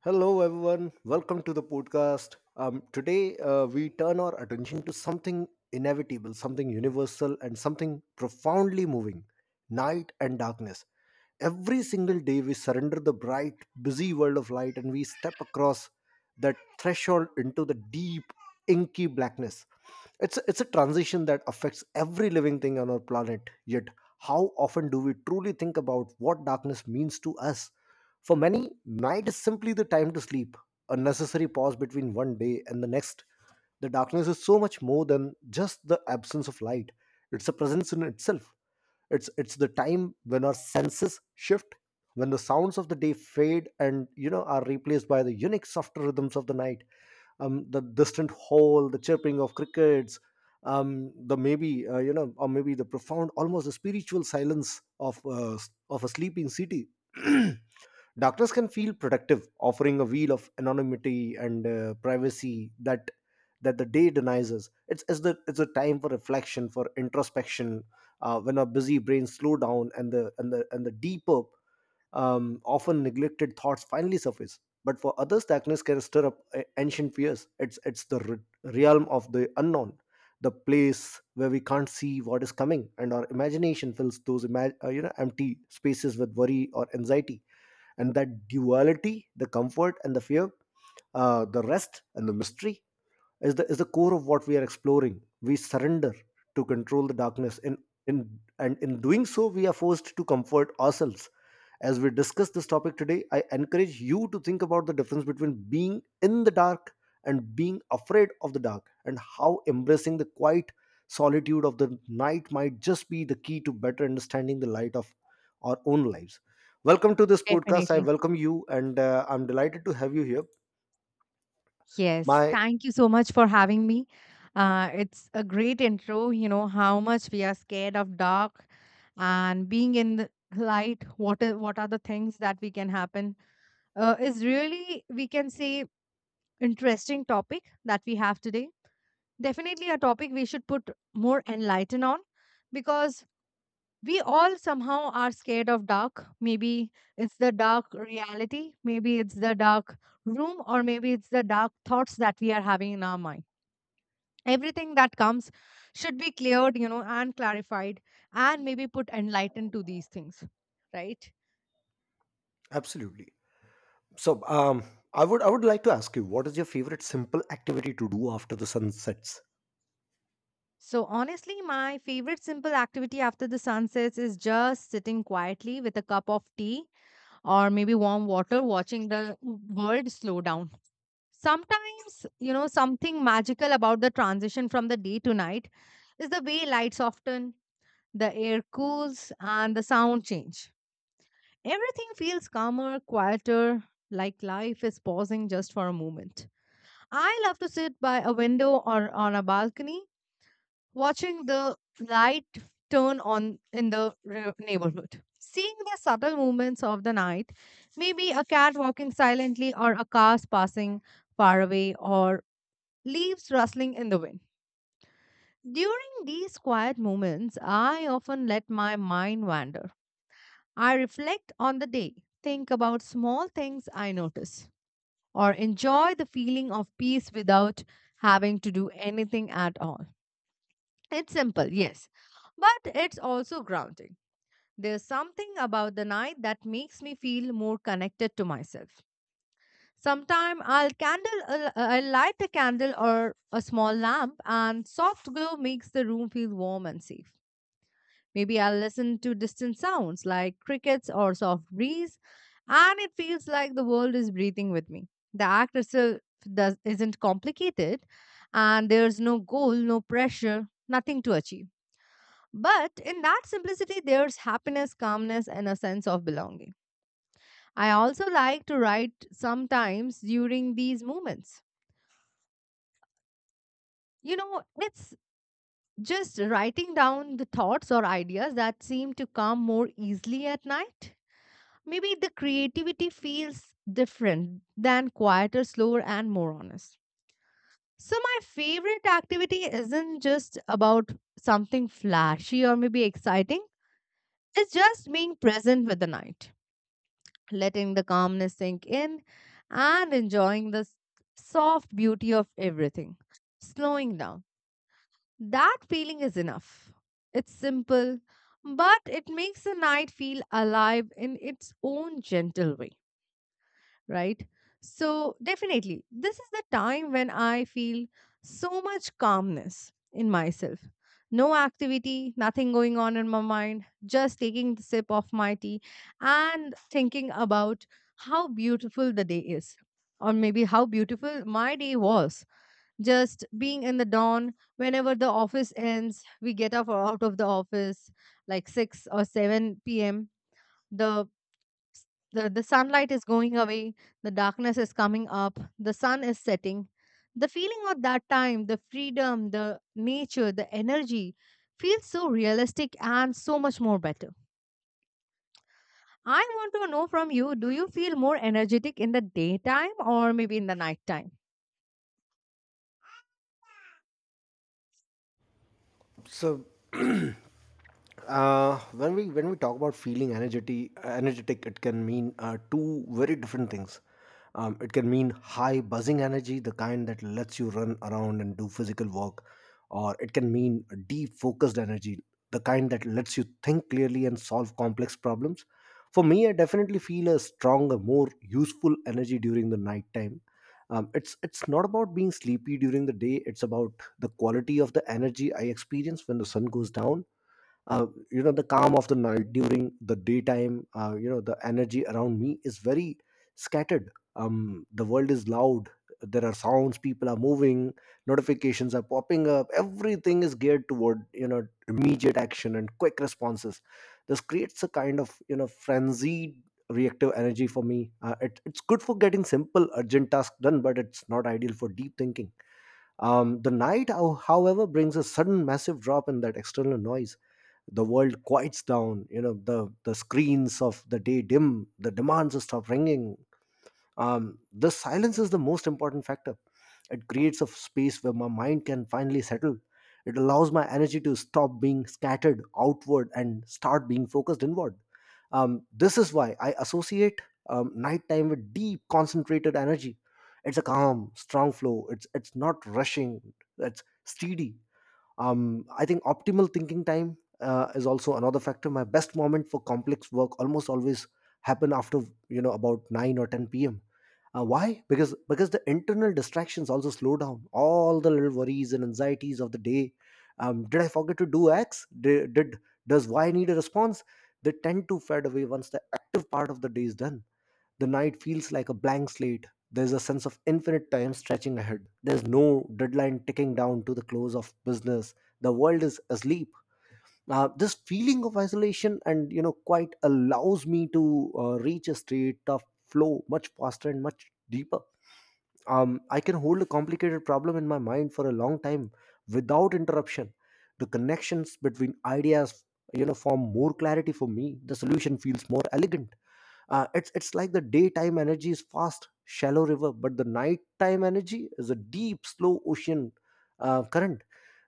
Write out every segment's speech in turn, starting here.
Hello, everyone. Welcome to the podcast. Today, we turn our attention to something inevitable, something universal, and something profoundly moving: night and darkness. Every single day, we surrender the bright, busy world of light and we step across that threshold into the deep, inky blackness. It's a transition that affects every living thing on our planet. Yet, how often do we truly think about what darkness means to us? For many, night is simply the time to sleep, a necessary pause between one day and the next. The darkness is so much more than just the absence of light. It's a presence in itself. It's the time when our senses shift, when the sounds of the day fade and are replaced by the unique, softer rhythms of the night: the distant howl, the chirping of crickets, the maybe you know, or maybe the profound, almost the spiritual silence of a sleeping city. Darkness can feel productive, offering a wheel of anonymity and privacy that the day denies us. It's a time for reflection, for introspection, when our busy brains slow down and the deeper, often neglected thoughts finally surface. But for others, darkness can stir up ancient fears. It's the realm of the unknown, the place where we can't see what is coming, and our imagination fills those empty spaces with worry or anxiety. And that duality, the comfort and the fear, the rest and the mystery, is the core of what we are exploring. We surrender to control the darkness, and in doing so, we are forced to comfort ourselves. As we discuss this topic today, I encourage you to think about the difference between being in the dark and being afraid of the dark, and how embracing the quiet solitude of the night might just be the key to better understanding the light of our own lives. Welcome to this podcast. I Definitely. welcome you, and I'm delighted to have you here. Yes, My thank you so much for having me. It's a great intro, you know, how much we are scared of dark and being in the light, what are the things that we can happen is really, we can say, interesting topic that we have today. Definitely a topic we should put more enlighten on, because we all somehow are scared of dark. Maybe it's the dark reality, maybe it's the dark room, or maybe it's the dark thoughts that we are having in our mind. Everything that comes should be cleared, you know, and clarified, and maybe put enlightened to these things, right? absolutely. So, I would like to ask you, what is your favorite simple activity to do after the sun sets? So honestly, my favorite simple activity after the sun sets is just sitting quietly with a cup of tea or maybe warm water, watching the world slow down. Sometimes, you know, something magical about the transition from the day to night is the way lights soften, the air cools, and the sound change. Everything feels calmer, quieter, like life is pausing just for a moment. I love to sit by a window or on a balcony watching the light turn on in the neighborhood. Seeing the subtle movements of the night, maybe a cat walking silently or a car passing far away, or leaves rustling in the wind. During these quiet moments, I often let my mind wander. I reflect on the day, think about small things I notice, or enjoy the feeling of peace without having to do anything at all. It's simple, yes, but it's also grounding. There's something about the night that makes me feel more connected to myself. Sometime I'll light a candle or a small lamp, and soft glow makes the room feel warm and safe. Maybe I'll listen to distant sounds like crickets or soft breeze, and it feels like the world is breathing with me. The act itself isn't complicated, and there's no goal, no pressure, nothing to achieve. But in that simplicity, there's happiness, calmness, and a sense of belonging. I also like to write sometimes during these moments. You know, it's just writing down the thoughts or ideas that seem to come more easily at night. Maybe the creativity feels different, than quieter, slower, and more honest. So, my favorite activity isn't just about something flashy or maybe exciting, it's just being present with the night, letting the calmness sink in, and enjoying the soft beauty of everything slowing down. That feeling is enough. It's simple, but it makes the night feel alive in its own gentle way, right? So, definitely, this is the time when I feel so much calmness in myself. No activity, nothing going on in my mind, just taking the sip of my tea and thinking about how beautiful the day is, or maybe how beautiful my day was. Just being in the dawn, whenever the office ends, we get up or out of the office like 6 or 7 p.m. The s- the sunlight is going away, the darkness is coming up, the sun is setting. The feeling of that time, the freedom, the nature, the energy feels so realistic and so much more better. I want to know from you, do you feel more energetic in the daytime or maybe in the nighttime? So, when we talk about feeling energety energetic, it can mean two very different things. It can mean high, buzzing energy, the kind that lets you run around and do physical work, or it can mean deep, focused energy, the kind that lets you think clearly and solve complex problems. For me, I definitely feel a stronger, more useful energy during the night time It's not about being sleepy during the day, it's about the quality of the energy I experience when the sun goes down, the calm of the night. During the daytime, the energy around me is very scattered. The world is loud, there are sounds, people are moving, notifications are popping up, everything is geared toward immediate action and quick responses. This creates a kind of frenzied, reactive energy for me. It's good for getting simple, urgent tasks done, but it's not ideal for deep thinking. The night, however, brings a sudden, massive drop in that external noise. The world quiets down, the screens of the day dim, the demands stop ringing. The silence is the most important factor. It creates a space where my mind can finally settle. It allows my energy to stop being scattered outward and start being focused inward. This is why I associate nighttime with deep, concentrated energy. It's a calm, strong flow. It's not rushing, it's steady. I think optimal thinking time is also another factor. My best moment for complex work almost always happen after about 9 or 10 p.m. Why? Because the internal distractions also slow down, all the little worries and anxieties of the day. Did I forget to do X? Did does Y need a response? They tend to fade away once the active part of the day is done. The night feels like a blank slate. There's a sense of infinite time stretching ahead. There's no deadline ticking down to the close of business. The world is asleep. This feeling of isolation and quite allows me to reach a state of flow much faster and much deeper. I can hold a complicated problem in my mind for a long time without interruption. The connections between ideas, form more clarity for me. The solution feels more elegant. It's like the daytime energy is fast, shallow river, but the nighttime energy is a deep, slow ocean current.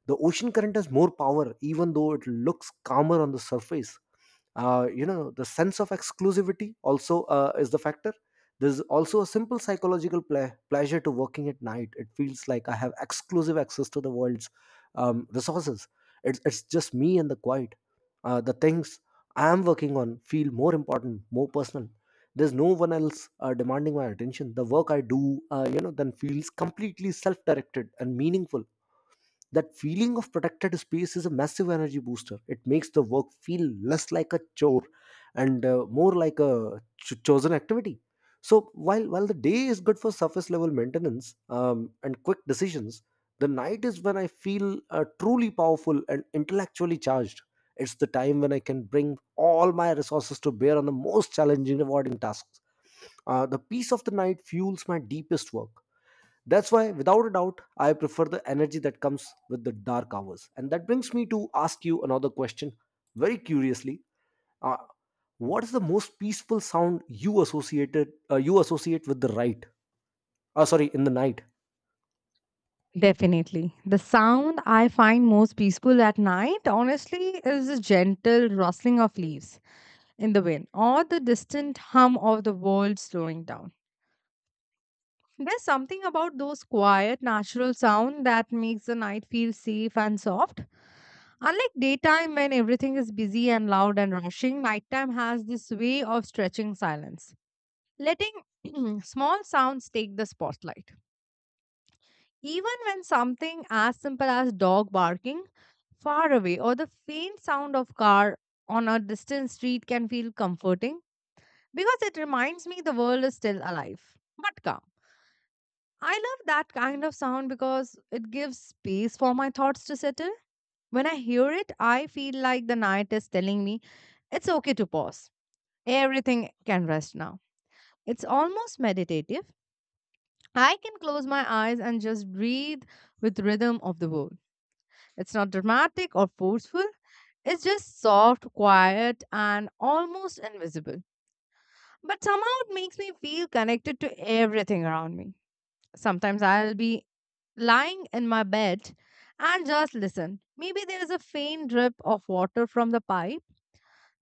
The ocean current has more power, even though it looks calmer on the surface. The sense of exclusivity also is the factor. There's also a simple psychological pleasure to working at night. It feels like I have exclusive access to the world's resources. It's just me and the quiet. The things I am working on feel more important, more personal. There's no one else demanding my attention. The work I do, then feels completely self directed and meaningful. That feeling of protected space is a massive energy booster. It makes the work feel less like a chore and more like a chosen activity. So while the day is good for surface level maintenance and quick decisions, the night is when I feel truly powerful and intellectually charged. It's the time when I can bring all my resources to bear on the most challenging, rewarding tasks. The peace of the night fuels my deepest work. That's why, without a doubt, I prefer the energy that comes with the dark hours. And that brings me to ask you another question very curiously. Uh, what is the most peaceful sound you associate with the right? Sorry, in the night. Definitely. The sound I find most peaceful at night, honestly, is the gentle rustling of leaves in the wind or the distant hum of the world slowing down. There's something about those quiet, natural sound that makes the night feel safe and soft. Unlike daytime when everything is busy and loud and rushing, nighttime has this way of stretching silence, letting small sounds take the spotlight. Even when something as simple as dog barking far away, or the faint sound of car on a distant street, can feel comforting because it reminds me the world is still alive but calm. I love that kind of sound because it gives space for my thoughts to settle. When I hear it, I feel like the night is telling me it's okay to pause. Everything can rest now. It's almost meditative. I can close my eyes and just breathe with rhythm of the world. It's not dramatic or forceful. It's just soft, quiet, and almost invisible. But somehow it makes me feel connected to everything around me. Sometimes I'll be lying in my bed and just listen. Maybe there is a faint drip of water from the pipe,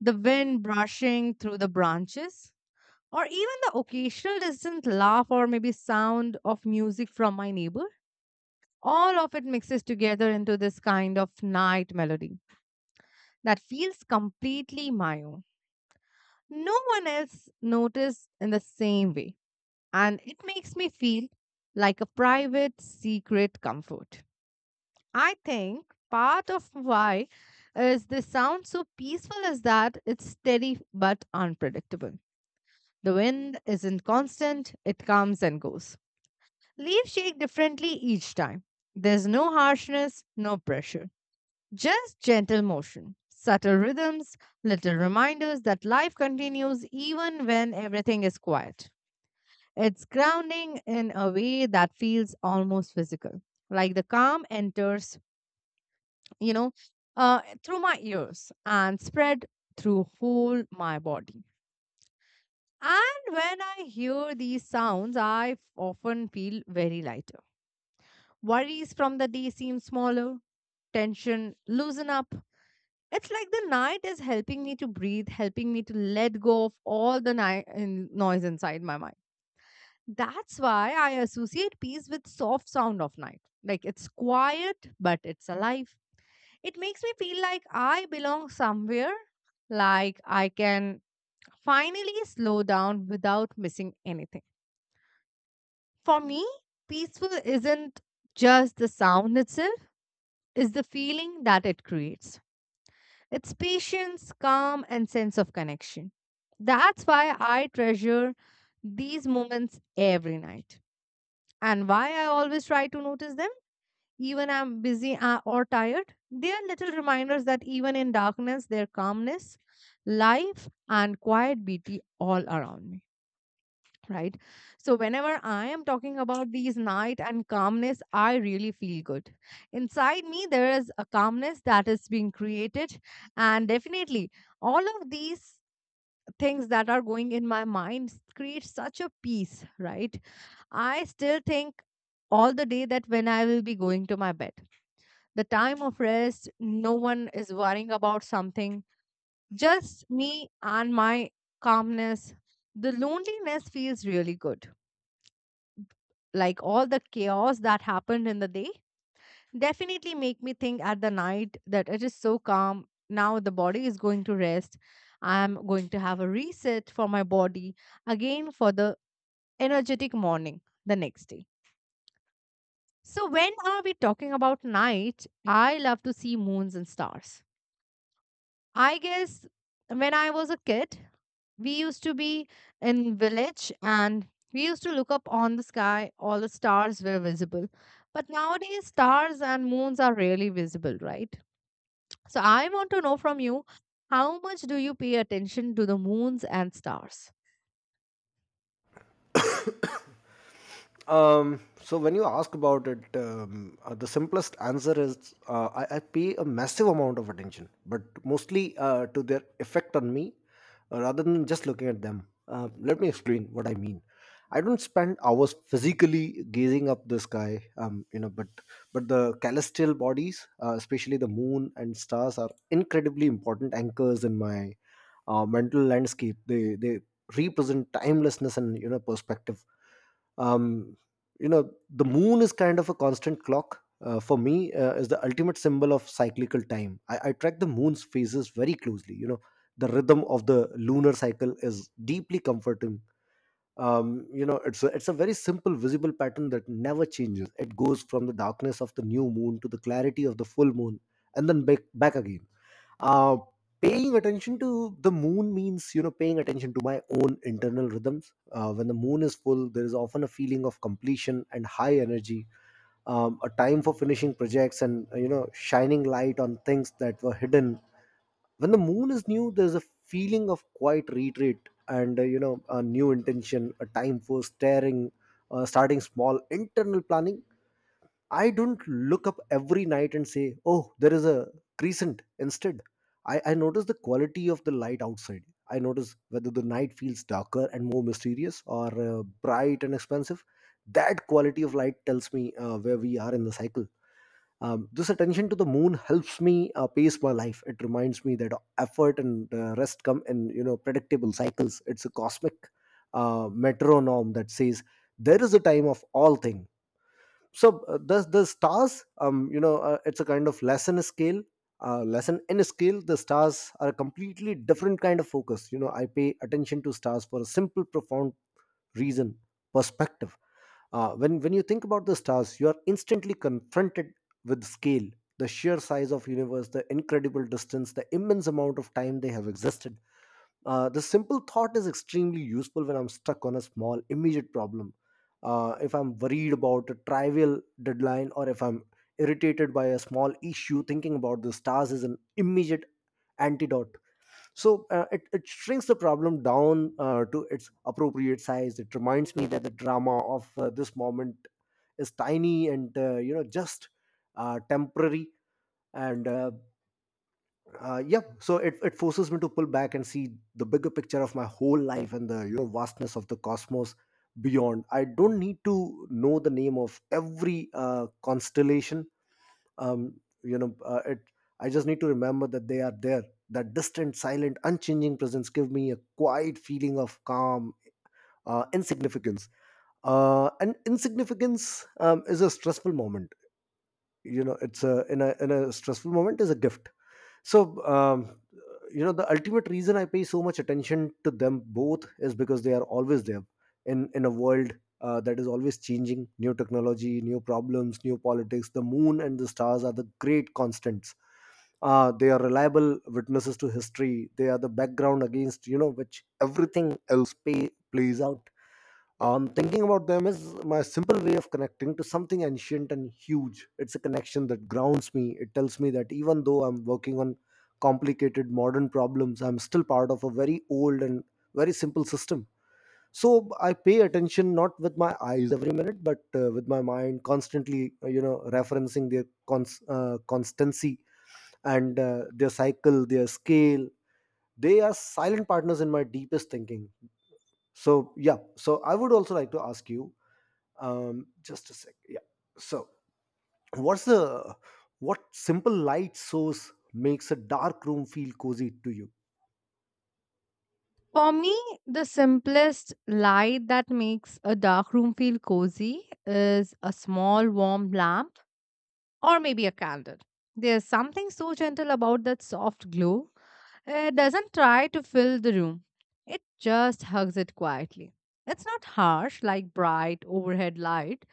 the wind brushing through the branches, or even the occasional distant laugh or maybe sound of music from my neighbor. All of it mixes together into this kind of night melody that feels completely my own. No one else noticed in the same way, and it makes me feel like a private, secret comfort. I think part of why is the sound so peaceful is that it's steady but unpredictable. The wind isn't constant, it comes and goes. Leaves shake differently each time. There's no harshness, no pressure. Just gentle motion, subtle rhythms, little reminders that life continues even when everything is quiet. It's grounding in a way that feels almost physical, like the calm enters, you know, through my ears and spread through whole my body. And when I hear these sounds, I often feel very lighter. Worries from the day seem smaller, tension loosen up. It's like the night is helping me to breathe, helping me to let go of all the noise inside my mind. That's why I associate peace with soft sound of night. Like it's quiet, but it's alive. It makes me feel like I belong somewhere, like I can finally slow down without missing anything. For me, peaceful isn't just the sound itself, it's the feeling that it creates. It's patience, calm, and sense of connection. That's why I treasure these moments every night. And why I always try to notice them, even I'm busy or tired. They are little reminders that even in darkness, there's calmness, life, and quiet beauty all around me, right? So, whenever I am talking about these night and calmness, I really feel good. Inside me, there is a calmness that is being created, and definitely all of these things that are going in my mind create such a peace, right? I still think all the day that when I will be going to my bed, the time of rest, no one is worrying about something, just me and my calmness. The loneliness feels really good, like all the chaos that happened in the day definitely make me think at the night that it is so calm now. The body is going to rest, I'm going to have a reset for my body again for the energetic morning the next day. So when are we talking about night, I love to see moons and stars. I guess when I was a kid, we used to be in village, and we used to look up on the sky, all the stars were visible. But nowadays stars and moons are rarely visible, right? So I want to know from you, how much do you pay attention to the moons and stars? So when you ask about it, the simplest answer is I pay a massive amount of attention, but mostly to their effect on me, rather than just looking at them. Let me explain what I mean. I don't spend hours physically gazing up the sky, but the celestial bodies, especially the moon and stars, are incredibly important anchors in my mental landscape. They represent timelessness and perspective. um, the moon is kind of a constant clock for me, is the ultimate symbol of cyclical time. I track the moon's phases very closely. The rhythm of the lunar cycle is deeply comforting. It's a very simple, visible pattern that never changes. It goes from the darkness of the new moon to the clarity of the full moon and then back again. uh, Paying attention to the moon means paying attention to my own internal rhythms. When the moon is full, there is often a feeling of completion and high energy, a time for finishing projects and shining light on things that were hidden. When the moon is new, there's a feeling of quiet retreat and a new intention, a time for staring starting small internal planning. I don't look up every night and say, oh, there is a crescent. Instead, I notice the quality of the light outside. I notice whether the night feels darker and more mysterious or bright and expansive. That quality of light tells me where we are in the cycle. This attention to the moon helps me pace my life. It reminds me that effort and rest come in predictable cycles. It's a cosmic metronome that says there is a time of all thing. So the stars, it's a kind of lesson scale. Lesson in scale, the stars are a completely different kind of focus. I pay attention to stars for a simple, profound reason: perspective. When you think about the stars, you are instantly confronted with scale, the sheer size of universe, the incredible distance, the immense amount of time they have existed. The simple thought is extremely useful when I'm stuck on a small, immediate problem. If I'm worried about a trivial deadline or if I'm irritated by a small issue, thinking about the stars is an immediate antidote. It shrinks the problem down to its appropriate size. It reminds me that the drama of this moment is tiny and just temporary and it forces me to pull back and see the bigger picture of my whole life and the vastness of the cosmos beyond. I don't need to know the name of every constellation. Um, you know it I just need to remember that they are there. That distant, silent, unchanging presence give me a quiet feeling of calm, insignificance. And insignificance is a stressful moment, it's a, in a stressful moment is a gift. so um, the ultimate reason I pay so much attention to them both is because they are always there, in a world that is always changing: new technology, new problems, new politics. The moon and the stars are the great constants. They are reliable witnesses to history. They are the background against which everything else plays out. Thinking about them is my simple way of connecting to something ancient and huge. It's a connection that grounds me. It tells me that even though I'm working on complicated modern problems, I'm still part of a very old and very simple system. So I pay attention not with my eyes every minute, but with my mind, constantly referencing their constancy and their cycle, their scale. They are silent partners in my deepest thinking. So, yeah, so I would also like to ask you, just a sec. Yeah. So, what's the what simple light source makes a dark room feel cozy to you? For me, the simplest light that makes a dark room feel cozy is a small warm lamp or maybe a candle. There's something so gentle about that soft glow. It doesn't try to fill the room, it just hugs it quietly. It's not harsh like bright overhead light,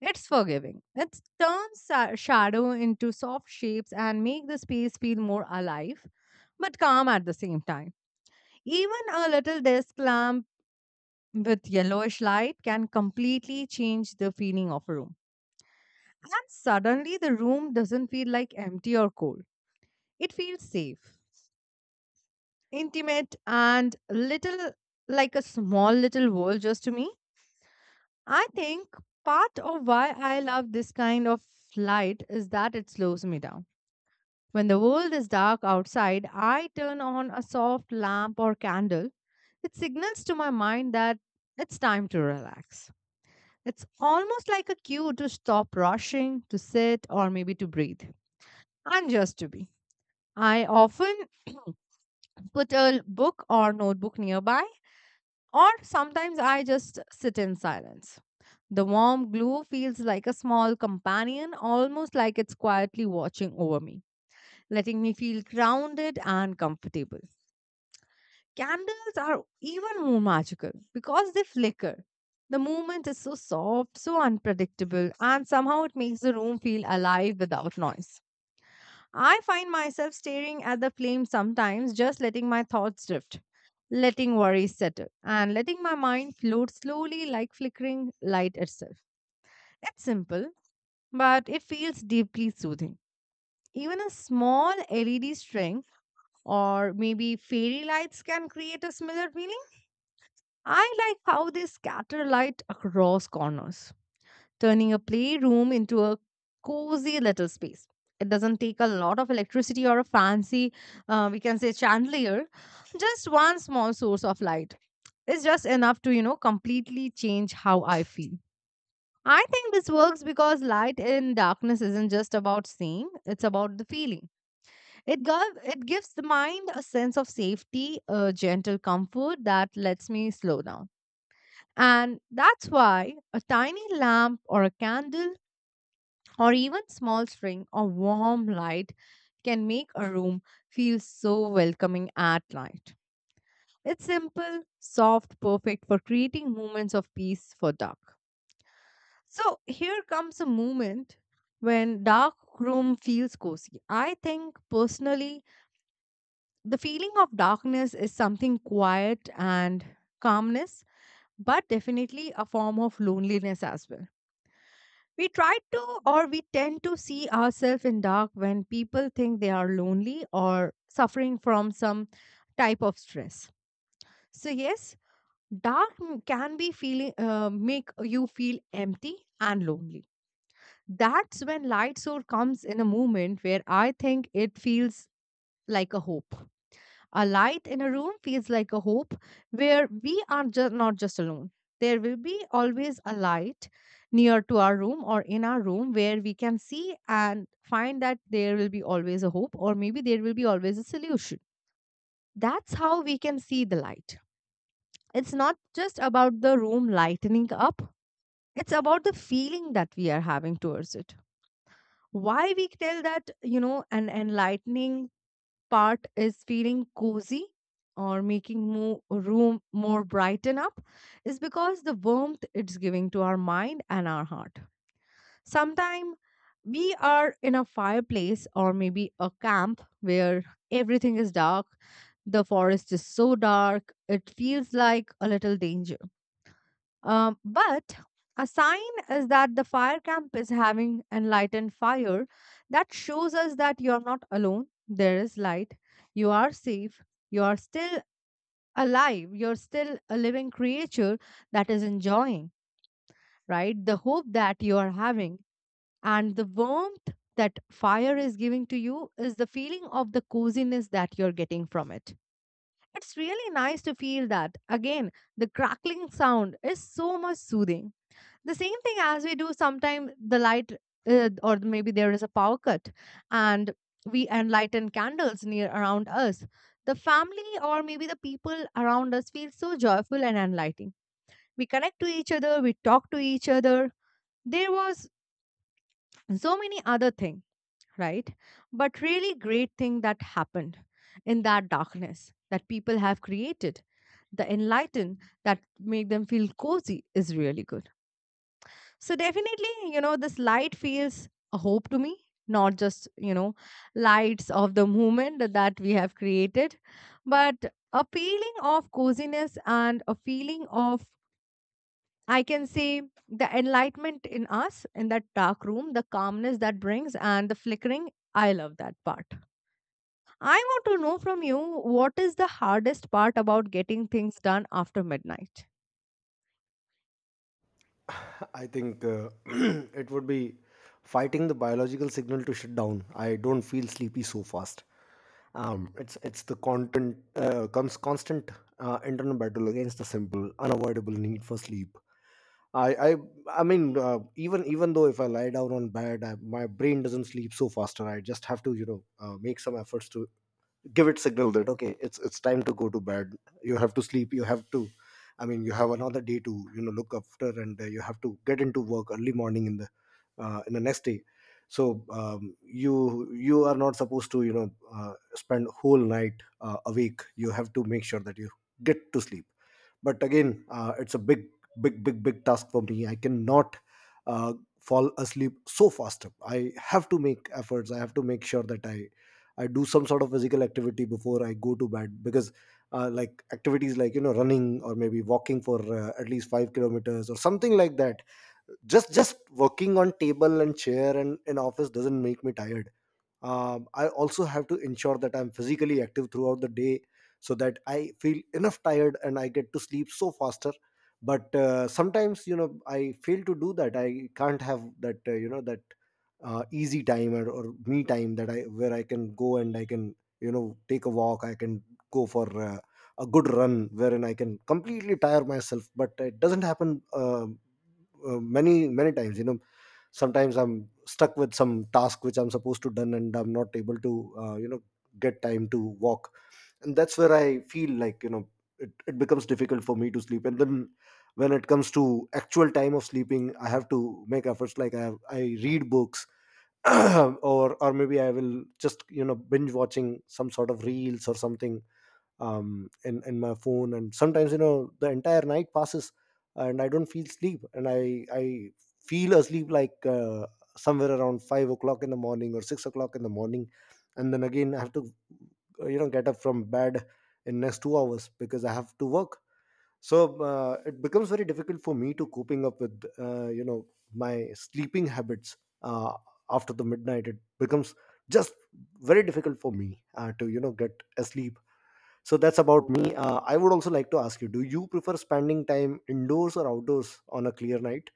it's forgiving. It turns shadow into soft shapes and make the space feel more alive but calm at the same time. Even a little desk lamp with yellowish light can completely change the feeling of a room. And suddenly the room doesn't feel like empty or cold. It feels safe, intimate, and little, like a small little world just to me. I think part of why I love this kind of light is that it slows me down. When the world is dark outside, I turn on a soft lamp or candle. It signals to my mind that it's time to relax. It's almost like a cue to stop rushing, to sit, or maybe to breathe, and just to be. I often put a book or notebook nearby. Or sometimes I just sit in silence. The warm glow feels like a small companion, almost like it's quietly watching over me, letting me feel grounded and comfortable. Candles are even more magical because they flicker. The movement is so soft, so unpredictable, and somehow it makes the room feel alive without noise. I find myself staring at the flame sometimes, just letting my thoughts drift, letting worries settle, and letting my mind float slowly like flickering light itself. It's simple, but it feels deeply soothing. Even a small LED string or maybe fairy lights can create a similar feeling. I like how they scatter light across corners, turning a playroom into a cozy little space. It doesn't take a lot of electricity or a fancy, we can say, chandelier, just one small source of light. Is just enough to, completely change how I feel. I think this works because light in darkness isn't just about seeing, it's about the feeling. It gives the mind a sense of safety, a gentle comfort that lets me slow down. And that's why a tiny lamp or a candle or even small string or warm light can make a room feel so welcoming at night. It's simple, soft, perfect for creating moments of peace for dark. So here comes a moment when dark room feels cozy. I think personally the feeling of darkness is something quiet and calmness but definitely a form of loneliness as well. We try to or we tend to see ourselves in dark when people think they are lonely or suffering from some type of stress. So, yes, can be feeling make you feel empty and lonely. That's when light source comes in a moment where I think it feels like a hope. A light in a room feels like a hope where we are not just alone. There will be always a light near to our room or in our room where we can see and find that there will be always a hope or maybe there will be always a solution. That's how we can see the light. It's not just about the room lightening up, it's about the feeling that we are having towards it. Why we tell that, you know, an enlightening part is feeling cozy or making more room more brighten up is because the warmth it's giving to our mind and our heart. Sometimes we are in a fireplace or maybe a camp where everything is dark. The forest is so dark, it feels like a little danger but a sign is that the fire camp is having enlightened fire that shows us that you are not alone. There is light. You are safe. You are still alive. You're still a living creature that is enjoying, right? The hope that you are having and the warmth that fire is giving to you is the feeling of the coziness that you're getting from it. It's really nice to feel that. Again, the crackling sound is so much soothing the same thing as we do. Sometimes the light or maybe there is a power cut and we enlighten candles near around us, the family or maybe the people around us feel so joyful and enlightening, we connect to each other, we talk to each other, there was so many other thing, right, but really great thing that happened in that darkness that people have created, the enlighten that make them feel cozy is really good. So definitely, you know, this light feels a hope to me, not just, you know, lights of the movement that we have created, but a feeling of coziness and a feeling of, I can say, the enlightenment in us in that dark room, the calmness that brings and the flickering. I love that part. I want to know from you what is the hardest part about getting things done after midnight? I think it would be fighting the biological signal to shut down. I don't feel sleepy so fast. It's the content comes constant internal battle against the simple, unavoidable need for sleep. I I I mean, even though if I lie down on bed, my brain doesn't sleep so faster. I just have to, make some efforts to give it signal that okay, it's time to go to bed. You have to sleep. You have to, I mean, you have another day to look after, and you have to get into work early morning in the next day. So you are not supposed to spend whole night awake. You have to make sure that you get to sleep. But again, it's a big big task for me. I cannot uh, fall asleep so fast. I have to make efforts. I have to make sure that I do some sort of physical activity before I go to bed, because like activities like running or maybe walking for at least 5 kilometers or something like that. Just working on table and chair and in office doesn't make me tired. I also have to ensure that I'm physically active throughout the day so that I feel enough tired and I get to sleep so faster. But sometimes I fail to do that. I can't have that that easy time or me time that I where I can go and I can take a walk. I can go for a good run wherein I can completely tire myself, but it doesn't happen. Many times, sometimes I'm stuck with some task which I'm supposed to done and I'm not able to get time to walk, and that's where I feel like it becomes difficult for me to sleep. And then when it comes to actual time of sleeping, I have to make efforts like I read books or maybe I will just binge watching some sort of reels or something in my phone. And sometimes the entire night passes and I don't feel sleep, and I feel asleep like somewhere around 5 o'clock in the morning or 6 o'clock in the morning. And then again I have to get up from bed in next 2 hours because I have to work. So it becomes very difficult for me to coping up with my sleeping habits. uh, After the midnight it becomes just very difficult for me to get asleep. So that's about me. I would also like to ask you, do you prefer spending time indoors or outdoors on a clear night?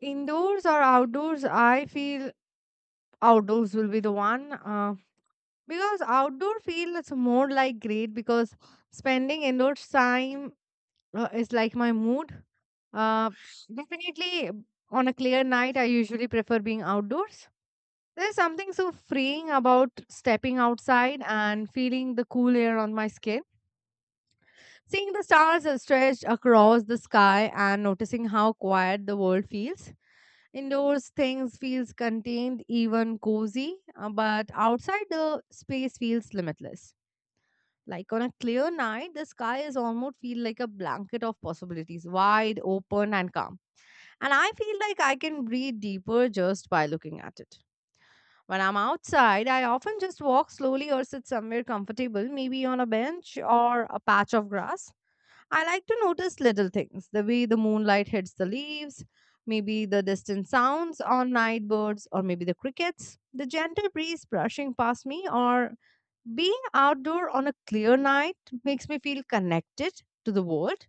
Indoors or outdoors? I feel outdoors will be the one. Because outdoor feels more like great because spending indoor time is like my mood, uh, definitely. On a clear night, I usually prefer being outdoors. There's something so freeing about stepping outside and feeling the cool air on my skin, seeing the stars are stretched across the sky and noticing how quiet the world feels. Indoors things feels contained, even cozy, but outside the space feels limitless. Like on a clear night, the sky is almost feel like a blanket of possibilities, wide open and calm. And I feel like I can breathe deeper just by looking at it. When I'm outside, I often just walk slowly or sit somewhere comfortable, maybe on a bench or a patch of grass. I like to notice little things, the way the moonlight hits the leaves, maybe the distant sounds on night birds, or maybe the crickets, the gentle breeze brushing past me, or being outdoor on a clear night makes me feel connected to the world,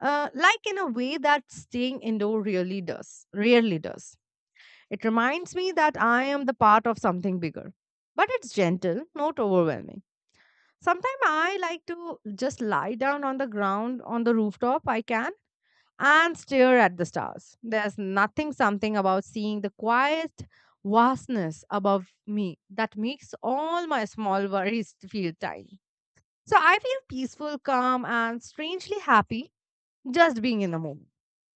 like in a way that staying indoor really does, rarely does. It reminds me that I am the part of something bigger. But it's gentle, not overwhelming. Sometimes I like to just lie down on the ground on the rooftop I can and stare at the stars. There's nothing something about seeing the quiet vastness above me that makes all my small worries feel tiny. So I feel peaceful, calm and strangely happy just being in the moment.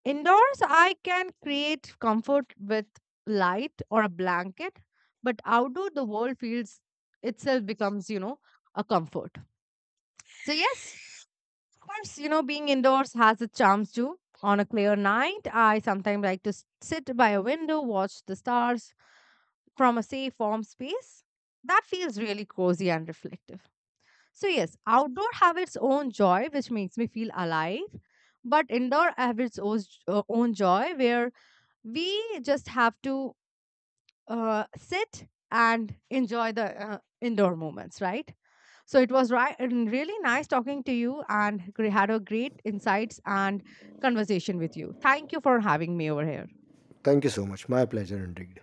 Indoors, I can create comfort with light or a blanket, but outdoor, the world feels itself becomes, you know, a comfort. So, yes, of course, you know, being indoors has its charms too. On a clear night, I sometimes like to sit by a window, watch the stars from a safe, warm space. That feels really cozy and reflective. So, yes, outdoor have its own joy, which makes me feel alive, but indoor have its own, own joy where we just have to sit and enjoy the indoor moments, right? So it was right and really nice talking to you and had a great insights and conversation with you. Thank you for having me over here. Thank you so much. My pleasure indeed.